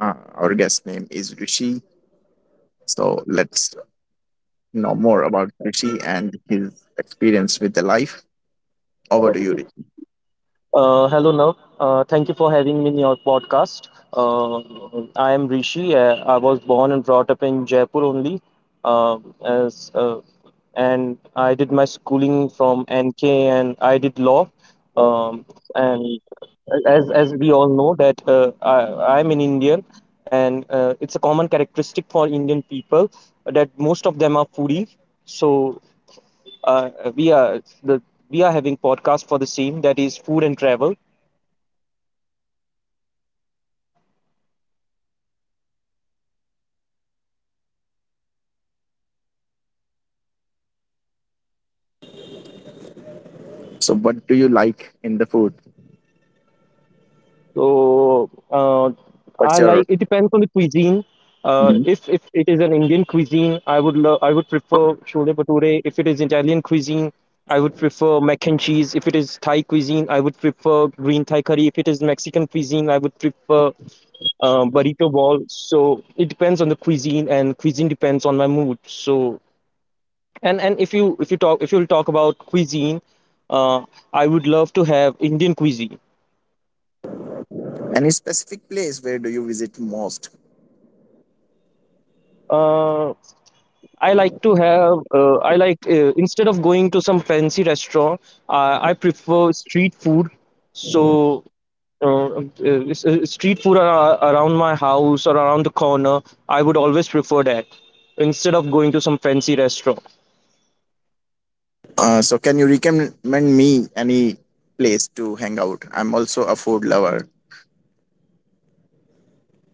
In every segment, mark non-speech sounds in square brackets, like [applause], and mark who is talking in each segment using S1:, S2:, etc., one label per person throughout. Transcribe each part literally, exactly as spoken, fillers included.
S1: Uh, our guest name is Rishi. So let's know more about Rishi and his experience with the life. Over to you, Rishi.
S2: Uh, hello, Nav. Uh, thank you for having me in your podcast. Uh, I am Rishi. Uh, I was born and brought up in Jaipur only, uh, as uh, and I did my schooling from N K and I did law. Um, and as as we all know that uh, I I'm an Indian, and uh, it's a common characteristic for Indian people that most of them are foodie. So uh, we are the we are having podcast for the same, that is food and travel.
S1: So, what do you like in the food?
S2: So uh,
S1: What's
S2: I
S1: your
S2: like, it depends on the cuisine. Uh,
S1: Mhm.
S2: if if it is an Indian cuisine, I would love I would prefer chole bhature. If it is Italian cuisine, I would prefer mac and cheese. If it is Thai cuisine, I would prefer green Thai curry. If it is Mexican cuisine, I would prefer uh, burrito ball. So it depends on the cuisine, and cuisine depends on my mood. So and and if you if you talk if you'll talk about cuisine, uh, I would love to have Indian cuisine.
S1: Any specific place where do you visit most?
S2: Uh, I like to have, uh, I like, uh, instead of going to some fancy restaurant, uh, I prefer street food. So, uh, uh, s- uh, street food ar- around my house or around the corner, I would always prefer that instead of going to some fancy restaurant.
S1: Uh, so, can you recommend me any place to hang out? I'm also a food lover.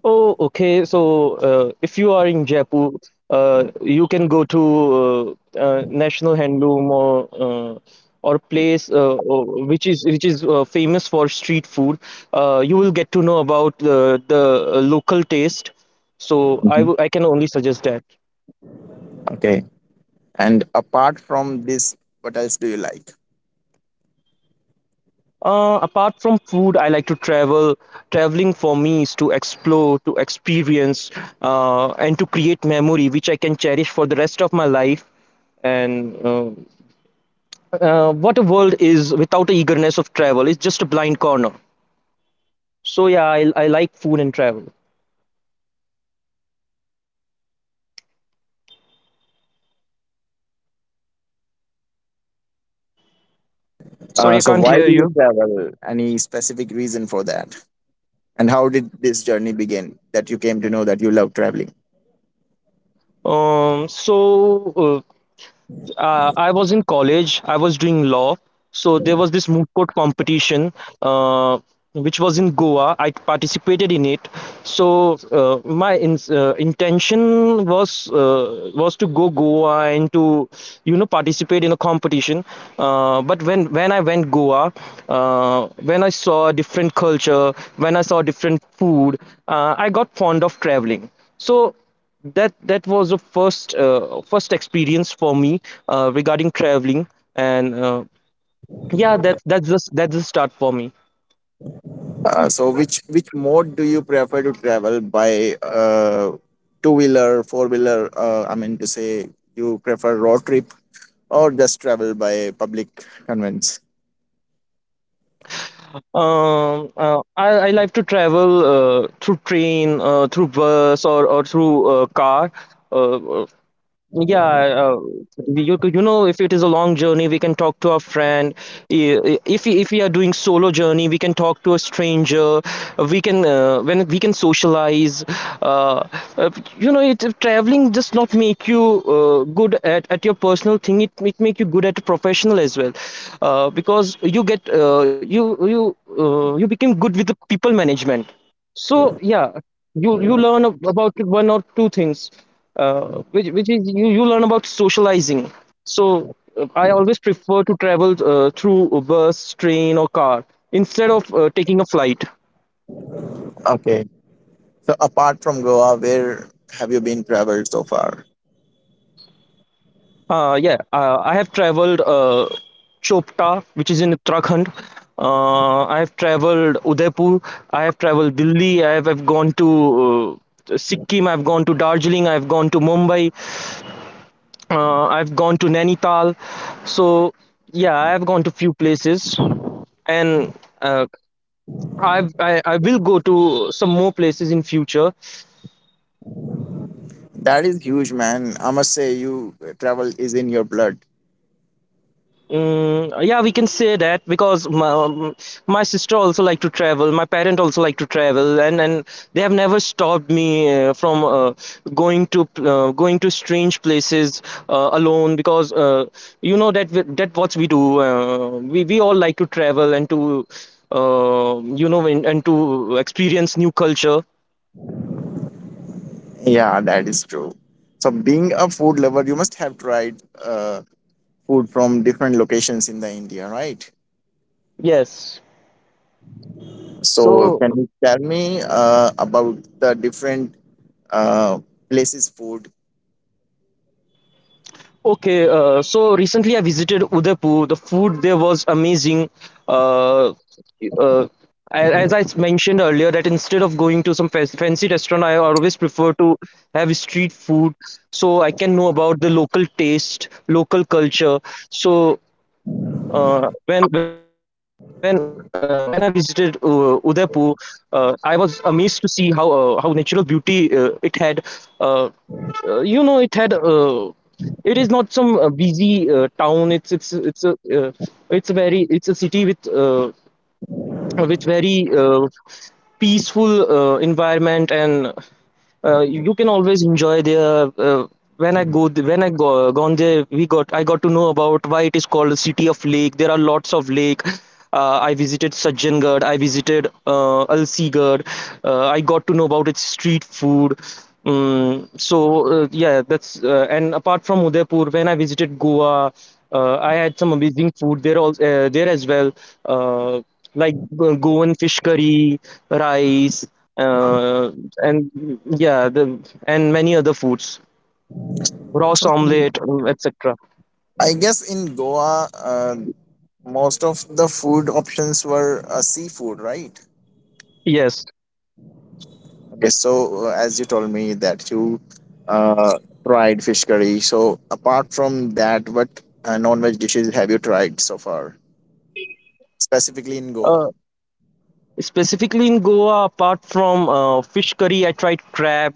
S2: Oh, okay. So, uh, if you are in Jaipur, uh, you can go to uh, uh, National Handloom or uh, or place uh, or- which is which is uh, famous for street food. Uh, you will get to know about the the uh, local taste. So, I
S1: Mhm.
S2: w- I can only suggest that.
S1: Okay. And apart from this, what else do you like?
S2: Uh, apart from food, I like to travel. Traveling for me is to explore, to experience, uh, and to create memory which I can cherish for the rest of my life, and uh, uh, what a world is without the eagerness of travel. It's just a blind corner. So yeah, I, I like food and travel. Sorry,
S1: Uh,
S2: I
S1: so,
S2: can't
S1: why
S2: hear
S1: do you
S2: you.
S1: travel? Any specific reason for that? And how did this journey begin that you came to know that you love traveling?
S2: Um, so uh, uh, I was in college. I was doing law, so there was this moot court competition, uh, which was in Goa. I participated in it. So uh, my in, uh, intention was uh, was to go Goa and to you know participate in a competition. Uh, but when when I went Goa, uh, when I saw a different culture, when I saw different food, uh, I got fond of traveling. So that that was the first uh, first experience for me uh, regarding traveling, and uh, yeah, that that's just that's the start for me.
S1: Uh, so, which which mode do you prefer to travel by? Uh, Two wheeler, four wheeler. Uh, I mean to say, you prefer road trip or just travel by public conveyance?
S2: um uh, I, I like to travel uh, through train, uh, through bus, or, or through uh, car. uh, uh, Yeah, uh, we- you could- you know, if it is a long journey, we can talk to our friend. I- i- If we- if we are doing solo journey, we can talk to a stranger. We can uh, when we can socialize. Uh, uh, you know, it traveling does not make you uh, good at, at your personal thing. It it make you good at professional as well, uh, because you get uh, you you uh, you become good with the people management. So yeah, you you learn ab- about one or two things, uh, which which is you you learn about socializing. So uh, I always prefer to travel uh, through a bus, train, or car instead of uh, taking a flight.
S1: Okay. So apart from Goa, where have you been traveled so far?
S2: Uh, yeah, uh, I have traveled uh, Chopta, which is in Uttarakhand. Uh, I have traveled Udaipur. I have traveled Delhi. I have, have gone to uh, Sikkim. I've gone to Darjeeling. I've gone to Mumbai. Uh, I've gone to Nainital, so yeah, I've gone to few places, and uh, I've, I I will go to some more places in future.
S1: That is huge, man. I must say, you travel is in your blood.
S2: Mm, yeah, we can say that because my, um, my sister also like to travel. My parent also like to travel, and and they have never stopped me uh, from uh, going to uh, going to strange places uh, alone because uh, you know that we, that what we do. Uh, we we all like to travel and to uh, you know, and, and to experience new culture.
S1: Yeah, that is true. So, being a food lover, you must have tried uh, food from different locations in the India, right?
S2: Yes.
S1: So,
S2: So,
S1: can you tell me uh, about the different uh, places' food?
S2: okay, uh, so recently I visited Udaipur. The food there was amazing. Uh, uh, as I mentioned earlier, that instead of going to some fancy restaurant, I always prefer to have street food so I can know about the local taste, local culture. So uh, when when uh, when I visited uh, Udaipur, uh, I was amazed to see how uh, how natural beauty uh, it had. Uh, uh, you know, it had. Uh, it is not some uh, busy uh, town. It's it's it's a uh, it's a very it's a city with uh, uh, with very uh, peaceful uh, environment, and uh, you, you can always enjoy there. Uh, uh, when I go, th- when I go, uh, gone there, we got I got to know about why it is called City of Lake. There are lots of lake. Uh, I visited Sajjangarh. I visited uh, Alsigarh. Uh, I got to know about its street food. Um, so uh, yeah, that's uh, and apart from Udaipur, when I visited Goa, uh, I had some amazing food there. All uh, there as well, uh, like uh, Goan fish curry, rice, uh, and yeah, the and many other foods, roast
S1: So,
S2: omelette, um, et cetera.
S1: I guess in Goa, uh, most of the food options were uh, seafood, right?
S2: Yes.
S1: Okay, so uh, as you told me that you uh, tried fish curry. So, apart from that, what uh, non-veg dishes have you tried so far? Specifically in Goa.
S2: Uh, specifically in Goa, apart from uh, fish curry, I tried crab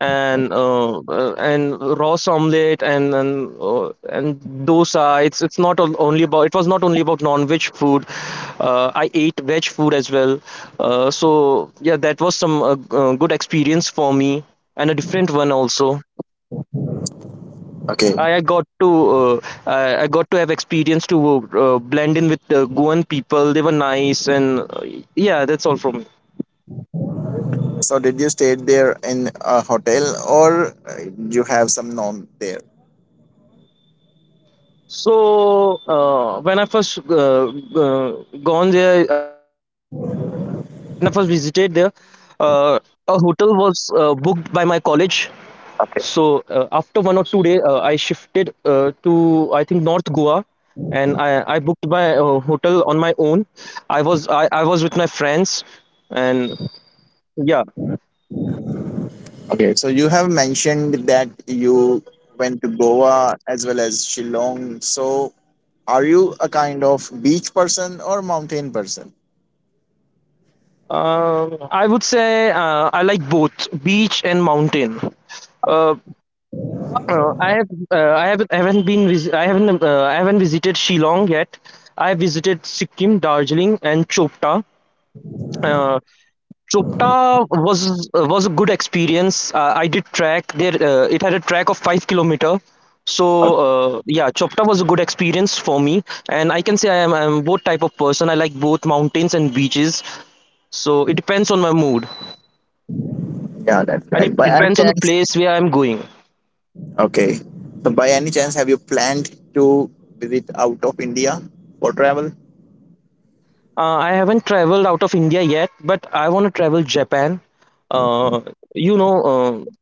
S2: and uh, uh, and roast omelette, and and, uh, and dosa. It's it's not on- only about it was not only about non-veg food. Uh, I ate veg food as well. Uh, so yeah, that was some uh, uh, good experience for me, and a different one also.
S1: Okay.
S2: I I got to uh, I I got to have experience to uh, blend in with the Goan people. They were nice, and uh, yeah, that's all from me.
S1: So did you stay there in a hotel or uh, you have some norm there?
S2: So uh, when I first uh, uh, gone there, uh, when I first visited there, uh, a hotel was uh, booked by my college. So uh,
S1: Okay.
S2: after one or two day, uh, I shifted uh, to, I think, North Goa, and I, I booked my uh, hotel on my own. I was I, I was with my friends, and yeah.
S1: Okay. So you have mentioned that you went to Goa as well as Shillong. So are you a kind of beach person or mountain person?
S2: Um, I would say uh, I like both beach and mountain. Uh, uh, I have uh, I haven't I haven't been vis I haven't uh, I haven't visited Shillong yet. I have visited Sikkim, Darjeeling, and Chopta. Uh, Chopta was was a good experience. Uh, I did track there. Uh, it had a track of five kilometer. So uh, yeah, Chopta was a good experience for me, and I can say I am I'm both type of person. I like both mountains and beaches. So it depends on my mood.
S1: Yeah, that's
S2: And it
S1: correct. By any
S2: depends on the
S1: chance,
S2: place where I'm going.
S1: okay. So by any chance, have you planned to visit out of India for travel?
S2: Uh, I haven't traveled out of India yet, but I want to travel Japan. Uh, you know,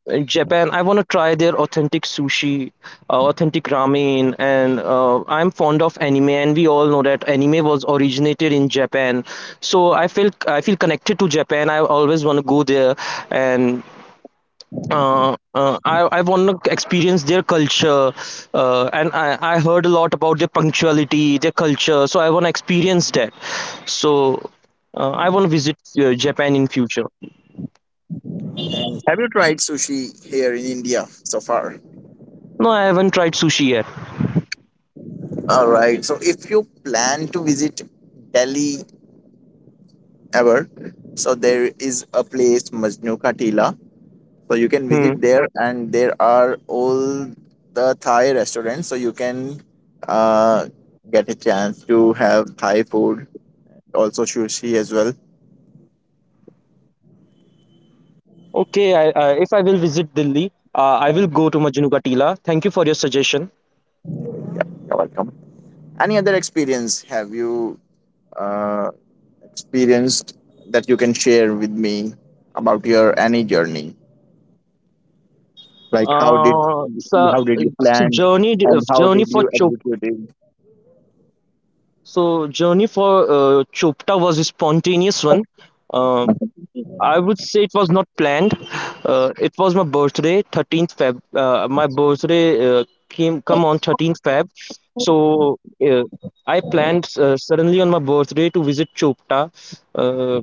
S2: uh, in Japan, I want to try their authentic sushi, uh, authentic ramen, and uh, I'm fond of anime, and we all know that anime was originated in Japan. So I feel I feel connected to Japan. I always want to go there, and uh, uh, I, I want to experience their culture, uh, and I, I heard a lot about their punctuality, their culture, so I want to experience that. So uh, I want to visit uh, Japan in future.
S1: Have you tried sushi here in India so far?
S2: No, I haven't tried sushi yet.
S1: All right. So if you plan to visit Delhi ever, so there is a place Majnu Ka Tila. So you can
S2: Hmm.
S1: visit there, and there are all the Thai restaurants. So you can uh, get a chance to have Thai food, also sushi as well.
S2: Okay, I, I, if I will visit Delhi, uh, I will go to Majnu Ka Tila. Thank you for your suggestion.
S1: You're welcome. Any other experience have you uh, experienced that you can share with me about your any journey? Like how did
S2: uh, so,
S1: how did you
S2: so
S1: plan
S2: journey
S1: and how
S2: journey
S1: did
S2: for
S1: you
S2: chop
S1: execute it?
S2: so Journey for uh, Chopta was a spontaneous one. Um
S1: Mhm.
S2: I would say it was not planned. Uh, it was my birthday, thirteenth Feb. Uh, my birthday uh, came come on thirteenth Feb. So uh, I planned uh, suddenly on my birthday to visit Chopta. Uh,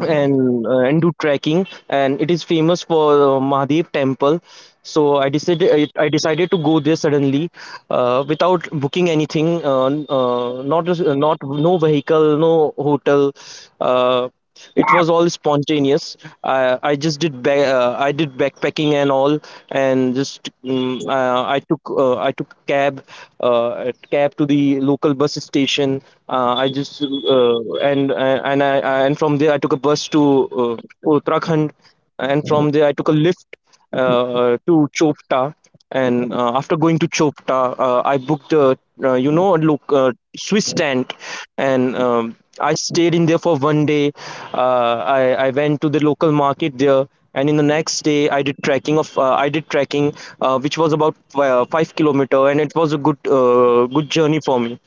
S2: and uh, and do trekking, and it is famous for uh, Mahadev temple. So I decided I, I decided to go there suddenly uh, without booking anything, uh, n- uh, not a- not no vehicle, no hotel. uh, it was all spontaneous. I, I just did ba- uh, I did backpacking and all, and just mm uh, I took uh, I took cab, uh, cab to the local bus station. Uh, I just uh, and and uh, and I uh, and from there I took a bus to uh, Uttarakhand, and from there I took a lift uh, to Chopta, and uh, after going to Chopta, uh, I booked a uh, you know look uh, Swiss tent, and um, I stayed in there for one day. Uh, I I went to the local market there. And in the next day, I did trekking of uh, I did trekking, uh, which was about uh, five kilometer, and it was a good uh, good journey for me,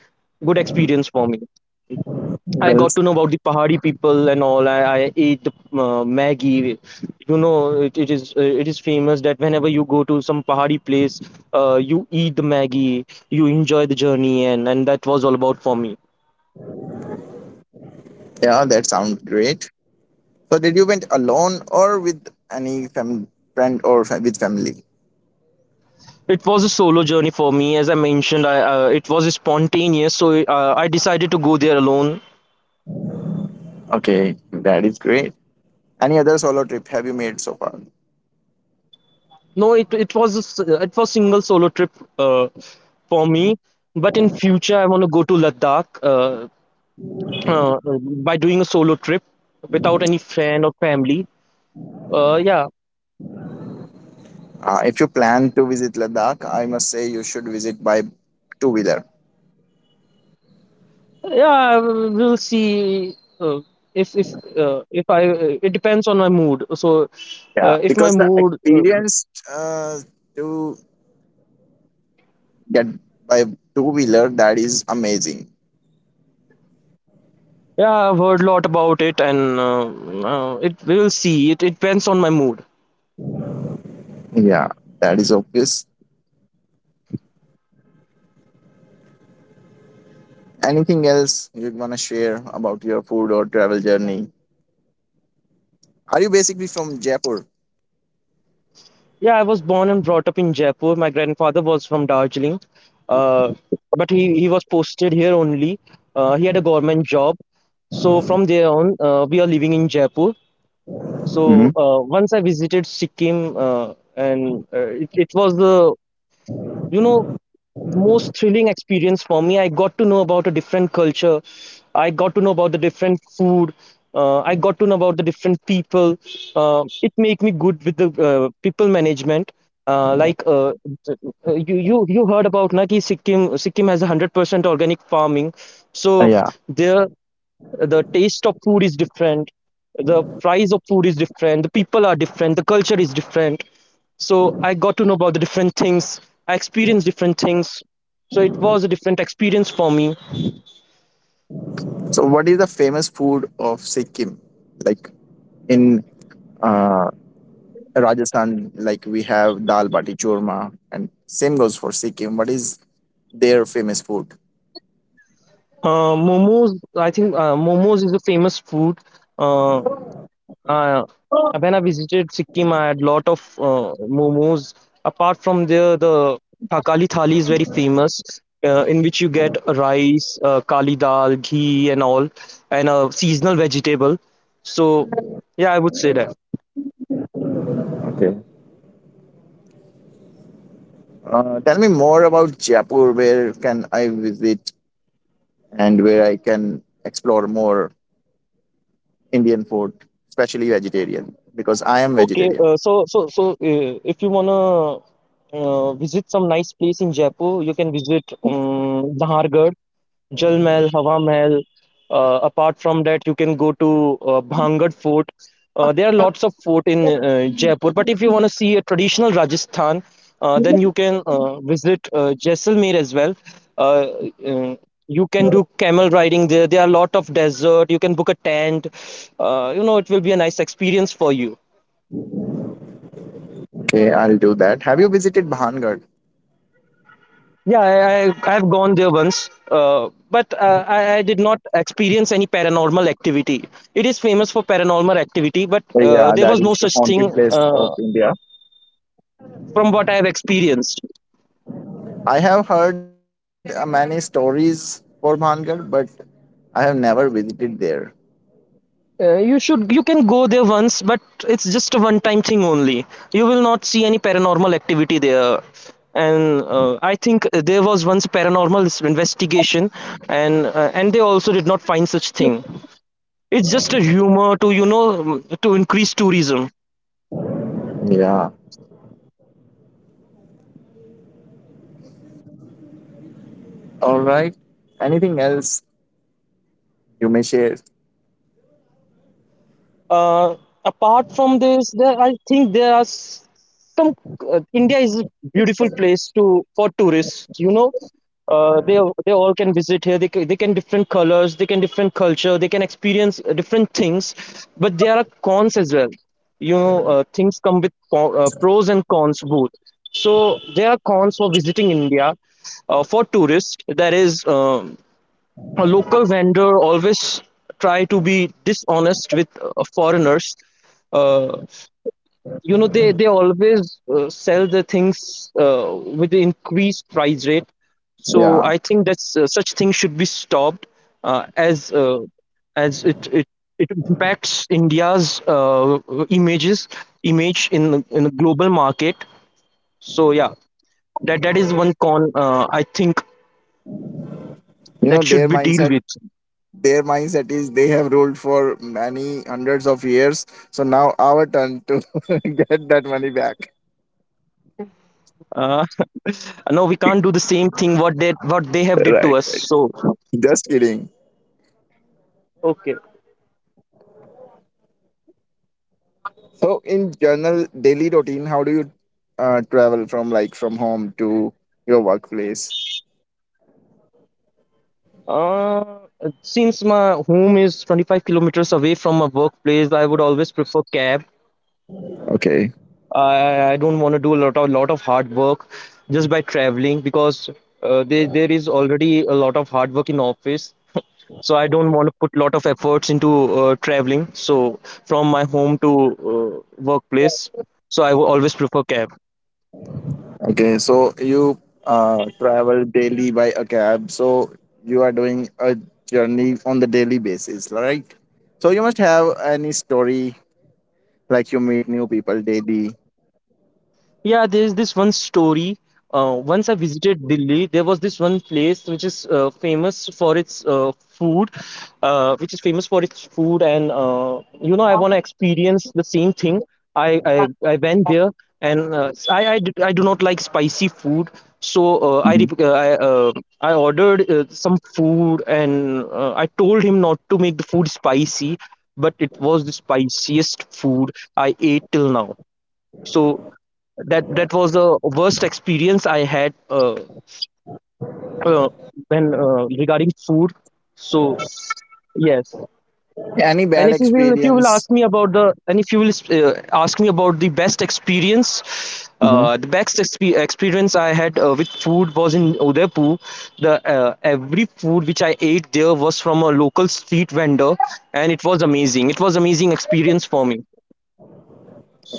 S2: good experience for me. I
S1: Well,
S2: got to know about the Pahari people and all. I, I ate the uh, Maggi. You know, it, it is uh, it is famous that whenever you go to some Pahari place, uh, you eat the Maggi, you enjoy the journey, and and that was all about for me.
S1: yeah, that sounds great. So did you went alone or with any fam- friend or fa- with family?
S2: It was a solo journey for me, as I mentioned. I uh, it was spontaneous, so uh, I decided to go there alone.
S1: Okay, that is great. Any other solo trip have you made so far?
S2: No, it it was a s- it was single solo trip uh, for me. But in future, I want to go to Ladakh. Uh, uh, by doing a solo trip without any friend or family. Uh, yeah,
S1: Uh, if you plan to visit Ladakh, I must say you should visit by two wheeler.
S2: yeah, we'll see. Uh, if if uh, if I, It depends on my mood. So,
S1: Yeah,
S2: uh, if my
S1: because the
S2: mood, uh,
S1: experience uh, to get by two wheeler, that is amazing.
S2: yeah, I've heard a lot about it, and uh, uh, it we'll see. It, it depends on my mood.
S1: Yeah, that is obvious. Anything else you want to share about your food or travel journey? Are you basically from Jaipur?
S2: Yeah, I was born and brought up in Jaipur. My grandfather was from Darjeeling, uh, but he he was posted here only. Uh, he had a government job. So from there on, uh, we are living in Jaipur. So
S1: Hmm.
S2: uh, once I visited Sikkim, uh, and uh, it, it was the you know most thrilling experience for me. I got to know about a different culture. I got to know about the different food. Uh, I got to know about the different people. Uh, it made me good with the uh, people management. Uh, like uh, th- uh, you, you you heard about Naki Sikkim. Sikkim has one hundred percent organic farming. So
S1: Yeah.
S2: there the taste of food is different, the price of food is different, the people are different, the culture is different, so I got to know about the different things. I experienced different things. So it was a different experience for me.
S1: So what is the famous food of Sikkim, like in uh, Rajasthan, like we have dal bati churma, and same goes for Sikkim. What is their famous food?
S2: Uh, momos, I think uh, momos is a famous food. uh, Uh, when I visited Sikkim, I had lot of uh, momos. Apart from there, the Thakali Thali is very famous, uh, in which you get rice, uh, kali dal, ghee, and all, and a seasonal vegetable. So, yeah, I would say that.
S1: Okay. Uh, tell me more about Jaipur. Where can I visit? And where I can explore more Indian food, especially vegetarian, because I am
S2: Okay,
S1: vegetarian.
S2: uh, so so so uh, if you wanna uh, visit some nice place in Jaipur, you can visit um, Nahargarh. Jal Mahal, Hawa Mahal. Uh, apart from that, you can go to uh, Bhangad Fort. Uh, there are lots of fort in uh, Jaipur. But if you want to see a traditional Rajasthan, uh, then you can uh, visit uh, Jaisalmer as well. Uh, uh, you can do camel riding there. There are a lot of desert. You can book a tent. Uh, you know, it will be a nice experience for you.
S1: Okay, I'll do that. Have you visited Bahangad?
S2: Yeah, I, I I've gone there once, uh, but uh, I, I did not experience any paranormal activity. It is famous for paranormal activity, but uh,
S1: Yeah,
S2: there
S1: that
S2: was no
S1: is the
S2: such thing
S1: haunted place
S2: uh,
S1: of India.
S2: from what I have experienced.
S1: I have heard uh, many stories for Bahangad, but I have never visited there.
S2: Uh, you should you can go there once, but it's just a one-time thing only. You will not see any paranormal activity there. And uh, I think there was once a paranormal investigation, and uh, and they also did not find such thing. It's just a humor to, you know, to increase tourism.
S1: Yeah. All right. Anything else you may share?
S2: Uh, apart from this, there, I think there are s- some. Uh, India is a beautiful place to for tourists. You know, uh, they they all can visit here. They can, they can different colors. They can different culture. They can experience uh, different things. But there are cons as well. You know, uh, things come with co- uh, pros and cons both. So there are cons for visiting India. Uh, for tourists, there is uh, a local vendor always try to be dishonest with uh, foreigners. uh, you know they they always uh, sell the things uh, with the increased price rate, so
S1: Yeah.
S2: I think that's uh, such things should be stopped uh, as uh, as it, it, it impacts India's uh, images image in the- in the global market. So yeah, that that is one con, uh, I think
S1: You know
S2: that should
S1: their
S2: be dealt
S1: mindset.
S2: with.
S1: Their mindset is they have ruled for many hundreds of years. So now our turn to [laughs] get that money back.
S2: Uh, no, we can't do the same thing what they what they have did to
S1: Right.
S2: us. So
S1: Just kidding.
S2: okay,
S1: So, in general daily routine, how do you uh, travel from like from home to your workplace?
S2: uh since my home is twenty-five kilometers away from my workplace, I would always prefer cab.
S1: Okay.
S2: I i don't want to do a lot of lot of hard work just by traveling, because uh, there there is already a lot of hard work in office [laughs] so I don't want to put lot of efforts into uh, traveling. So from my home to uh, workplace, so I will always prefer cab.
S1: Okay. So you uh, travel daily by a cab. So you are doing a journey on the daily basis, right? So you must have any story like you meet new people daily.
S2: Yeah, there's this one story. Uh, once I visited Delhi, there was this one place which is uh, famous for its uh, food, uh, which is famous for its food, and uh, you know, I want to experience the same thing. I I, I went there, and uh, s- I, I d- I do not like spicy food, so uh, I
S1: Mhm.
S2: rep- uh, I uh, I ordered uh, some food, and uh, I told him not to make the food spicy, but it was the spiciest food I ate till now. So that that was the worst experience I had uh, uh, when uh, regarding food. So yes,
S1: Any
S2: and
S1: bad
S2: if you will, if you will
S1: experience?
S2: ask me about the, and if you will uh, ask me about the best experience,
S1: Mhm.
S2: uh, the best exp- experience I had uh, with food was in Udaipur. The uh, every food which I ate there was from a local street vendor, and it was amazing. It was amazing experience for me.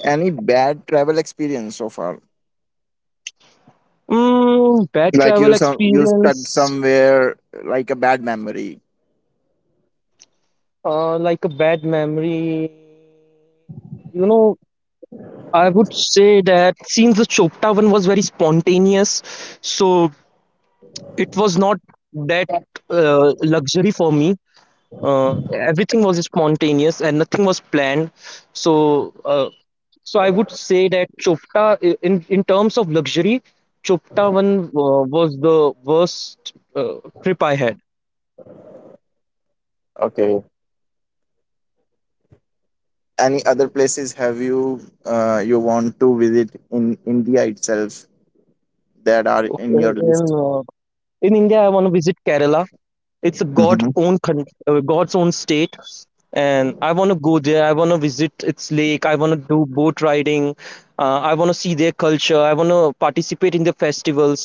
S1: Any bad travel experience so far?
S2: Mm, bad
S1: Like you
S2: travel
S1: some you stuck
S2: experience.
S1: somewhere like a bad memory.
S2: Uh, like a bad memory, you know, I would say that since the Chopta one was very spontaneous, so it was not that uh, luxury for me. Uh, everything was spontaneous and nothing was planned. So, uh, so I would say that Chopta, i- in in terms of luxury, Chopta one uh, was the worst uh, trip I had.
S1: Okay. Any other places have you uh, you want to visit in India itself that are in your
S2: Okay, In,
S1: list?
S2: uh, in India, I want to visit Kerala. It's a God
S1: Hmm.
S2: own con uh, God's own state, and I want to go there. I want to visit its lake. I want to do boat riding. Uh, I want to see their culture. I want to participate in the festivals.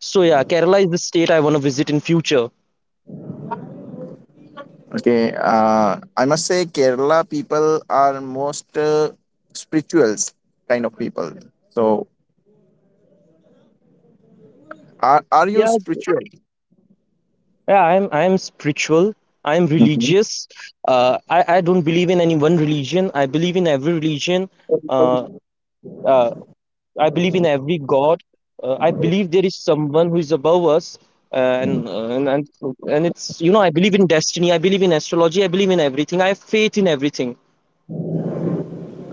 S2: So yeah, Kerala is the state I want to visit in future.
S1: Okay. Uh, I must say Kerala people are most uh, spirituals kind of people. So are are you
S2: Yeah,
S1: spiritual?
S2: yeah. I'm I'm spiritual. I'm
S1: Hmm.
S2: religious. Uh, I I don't believe in any one religion. I believe in every religion. Uh, uh, I believe in every God. Uh, I believe there is someone who is above us, uh, and, uh, and and and it's, you know, I believe in destiny. I believe in astrology. I believe in everything. I have faith in everything.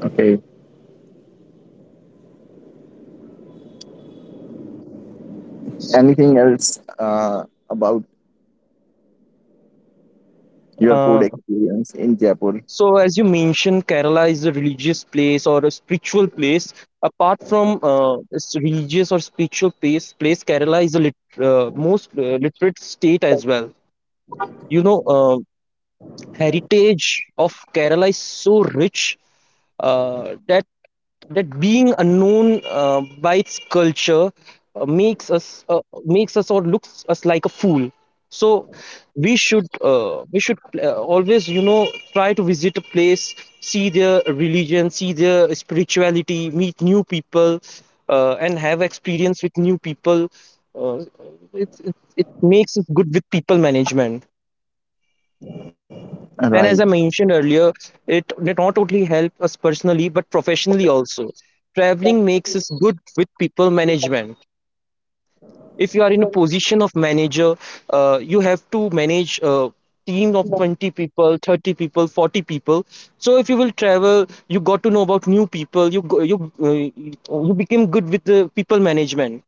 S1: Okay. Anything else uh, about your food
S2: Uh,
S1: experience in Jaipur?
S2: so as you mentioned, Kerala is a religious place or a spiritual place. Apart from uh, its religious or spiritual place, place, Kerala is a lit- uh, most uh, literate state as well. You know, uh, heritage of Kerala is so rich uh, that that being unknown uh, by its culture, uh, makes us uh, makes us or looks us like a fool. So we should, uh, we should uh, always, you know, try to visit a place, see their religion, see their spirituality, meet new people, uh, and have experience with new people. uh, it, it, it makes us good with people management,
S1: Right.
S2: and as I mentioned earlier, it did not only help us personally, but professionally also. Traveling makes us good with people management. If you are in a position of manager, uh, you have to manage a team of twenty people, thirty people, forty people. So if you will travel, you got to know about new people. You go, you uh, You became good with the people management.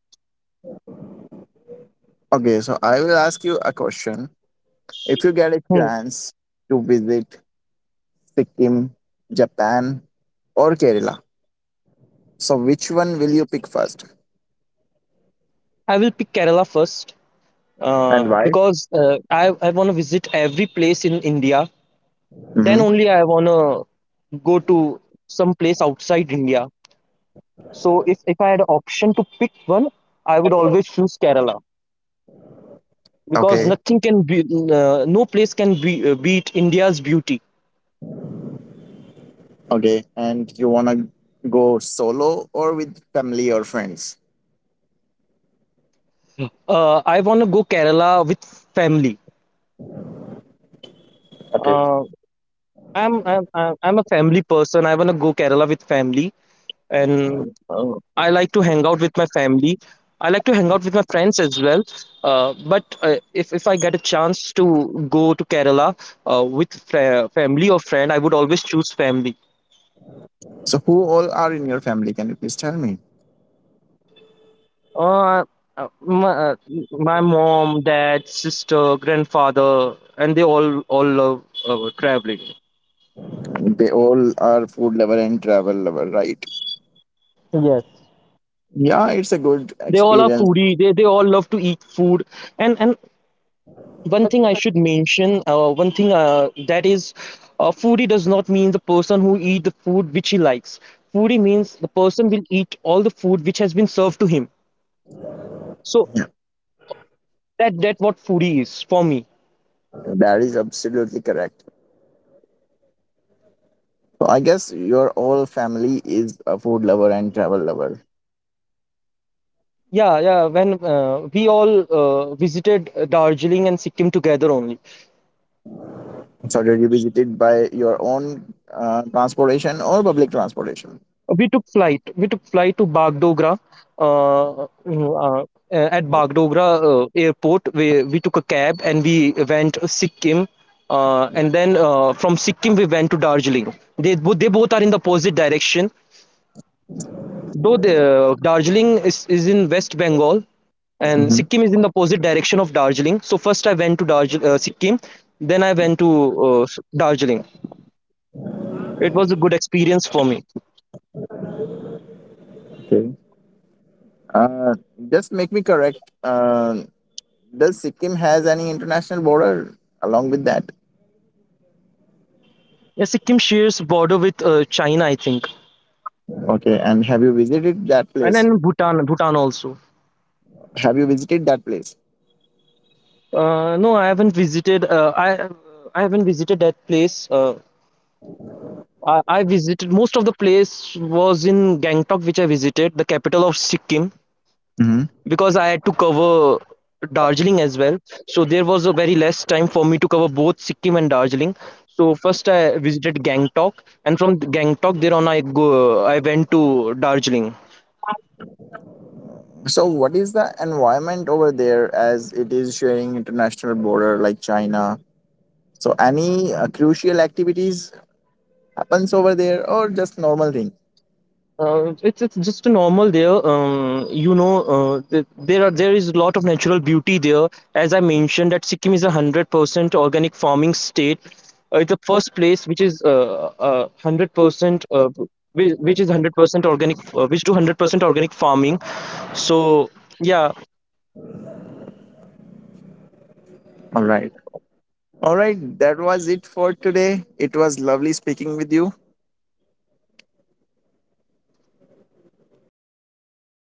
S1: Okay. So I will ask you a question. If you get a
S2: Hmm.
S1: chance to visit Sikkim, Japan, or Kerala? So, which one will you pick first?
S2: I will pick Kerala first
S1: And
S2: uh,
S1: why?
S2: because uh, I, I want to visit every place in India, then
S1: Mm-hmm.
S2: only I wanna go to some place outside India. So if, if I had option to pick one, I would always choose Kerala because
S1: Okay.
S2: nothing can be uh, no place can be uh, beat India's beauty.
S1: Okay. And you want to go solo or with family or friends?
S2: Uh, I wanna go Kerala with family.
S1: Okay.
S2: Uh, I'm, I'm I'm I'm a family person. I wanna go Kerala with family. And uh, I like to hang out with my family. I like to hang out with my friends as well. Uh, but uh, if if I get a chance to go to Kerala uh, with fr- family or friend, I would always choose family.
S1: So, who all are in your family? Can you please tell me?
S2: Uh, uh, my, uh, my mom, dad, sister, grandfather, and they all all love uh, traveling.
S1: They all are food lover and travel lover, right?
S2: Yes.
S1: Yeah, it's a good
S2: They all are
S1: experience.
S2: foodie, they they all love to eat food, and and one thing I should mention, uh, one thing uh, that is, uh, foodie does not mean the person who eat the food which he likes. Foodie means the person will eat all the food which has been served to him. So
S1: Yeah,
S2: that that what foodie is for me.
S1: that is absolutely correct. So, I guess your all family is a food lover and travel lover.
S2: Yeah, yeah. When uh, we all uh, visited uh, Darjeeling and Sikkim together only,
S1: It's already visited by your own uh, transportation or public transportation.
S2: we took flight we took flight to Bagdogra, uh, mm, uh, at Bagdogra uh, airport we, we took a cab and we went Sikkim, uh, and then uh, from Sikkim we went to Darjeeling they, bo- they both are in the opposite direction, though the, uh, Darjeeling is, is in West Bengal and
S1: Hmm.
S2: Sikkim is in the opposite direction of Darjeeling. So first I went to Darj- uh, Sikkim, then I went to uh, Darjeeling. It was a good experience for me.
S1: Okay. Uh, just make me correct. Uh, does Sikkim has any international border along with that?
S2: Yeah, Sikkim shares border with uh, China, I think,
S1: Okay, and have you visited that
S2: and
S1: place?
S2: then Bhutan, Bhutan also.
S1: Have you visited that place?
S2: Uh, no, I haven't visited. Uh, I I haven't visited that place. Uh, I, I visited most of the place was in Gangtok, which I visited, the capital of Sikkim,
S1: Hmm.
S2: because I had to cover Darjeeling as well. So there was a very less time for me to cover both Sikkim and Darjeeling. So first I visited Gangtok, and from Gangtok there on I go I went to Darjeeling.
S1: So, what is the environment over there as it is sharing international border like China? So, any uh, crucial activities happens over there or just normal thing?
S2: Uh, it's it's just a normal there. Um, you know, uh, th there are, there is a lot of natural beauty there. As I mentioned, that Sikkim is a hundred percent organic farming state. Uh, it's the first place which is uh uh, hundred percent uh, which, which is hundred percent organic, uh, which do hundred percent organic farming. So yeah,
S1: All right. All right, that was it for today. It was lovely speaking with you.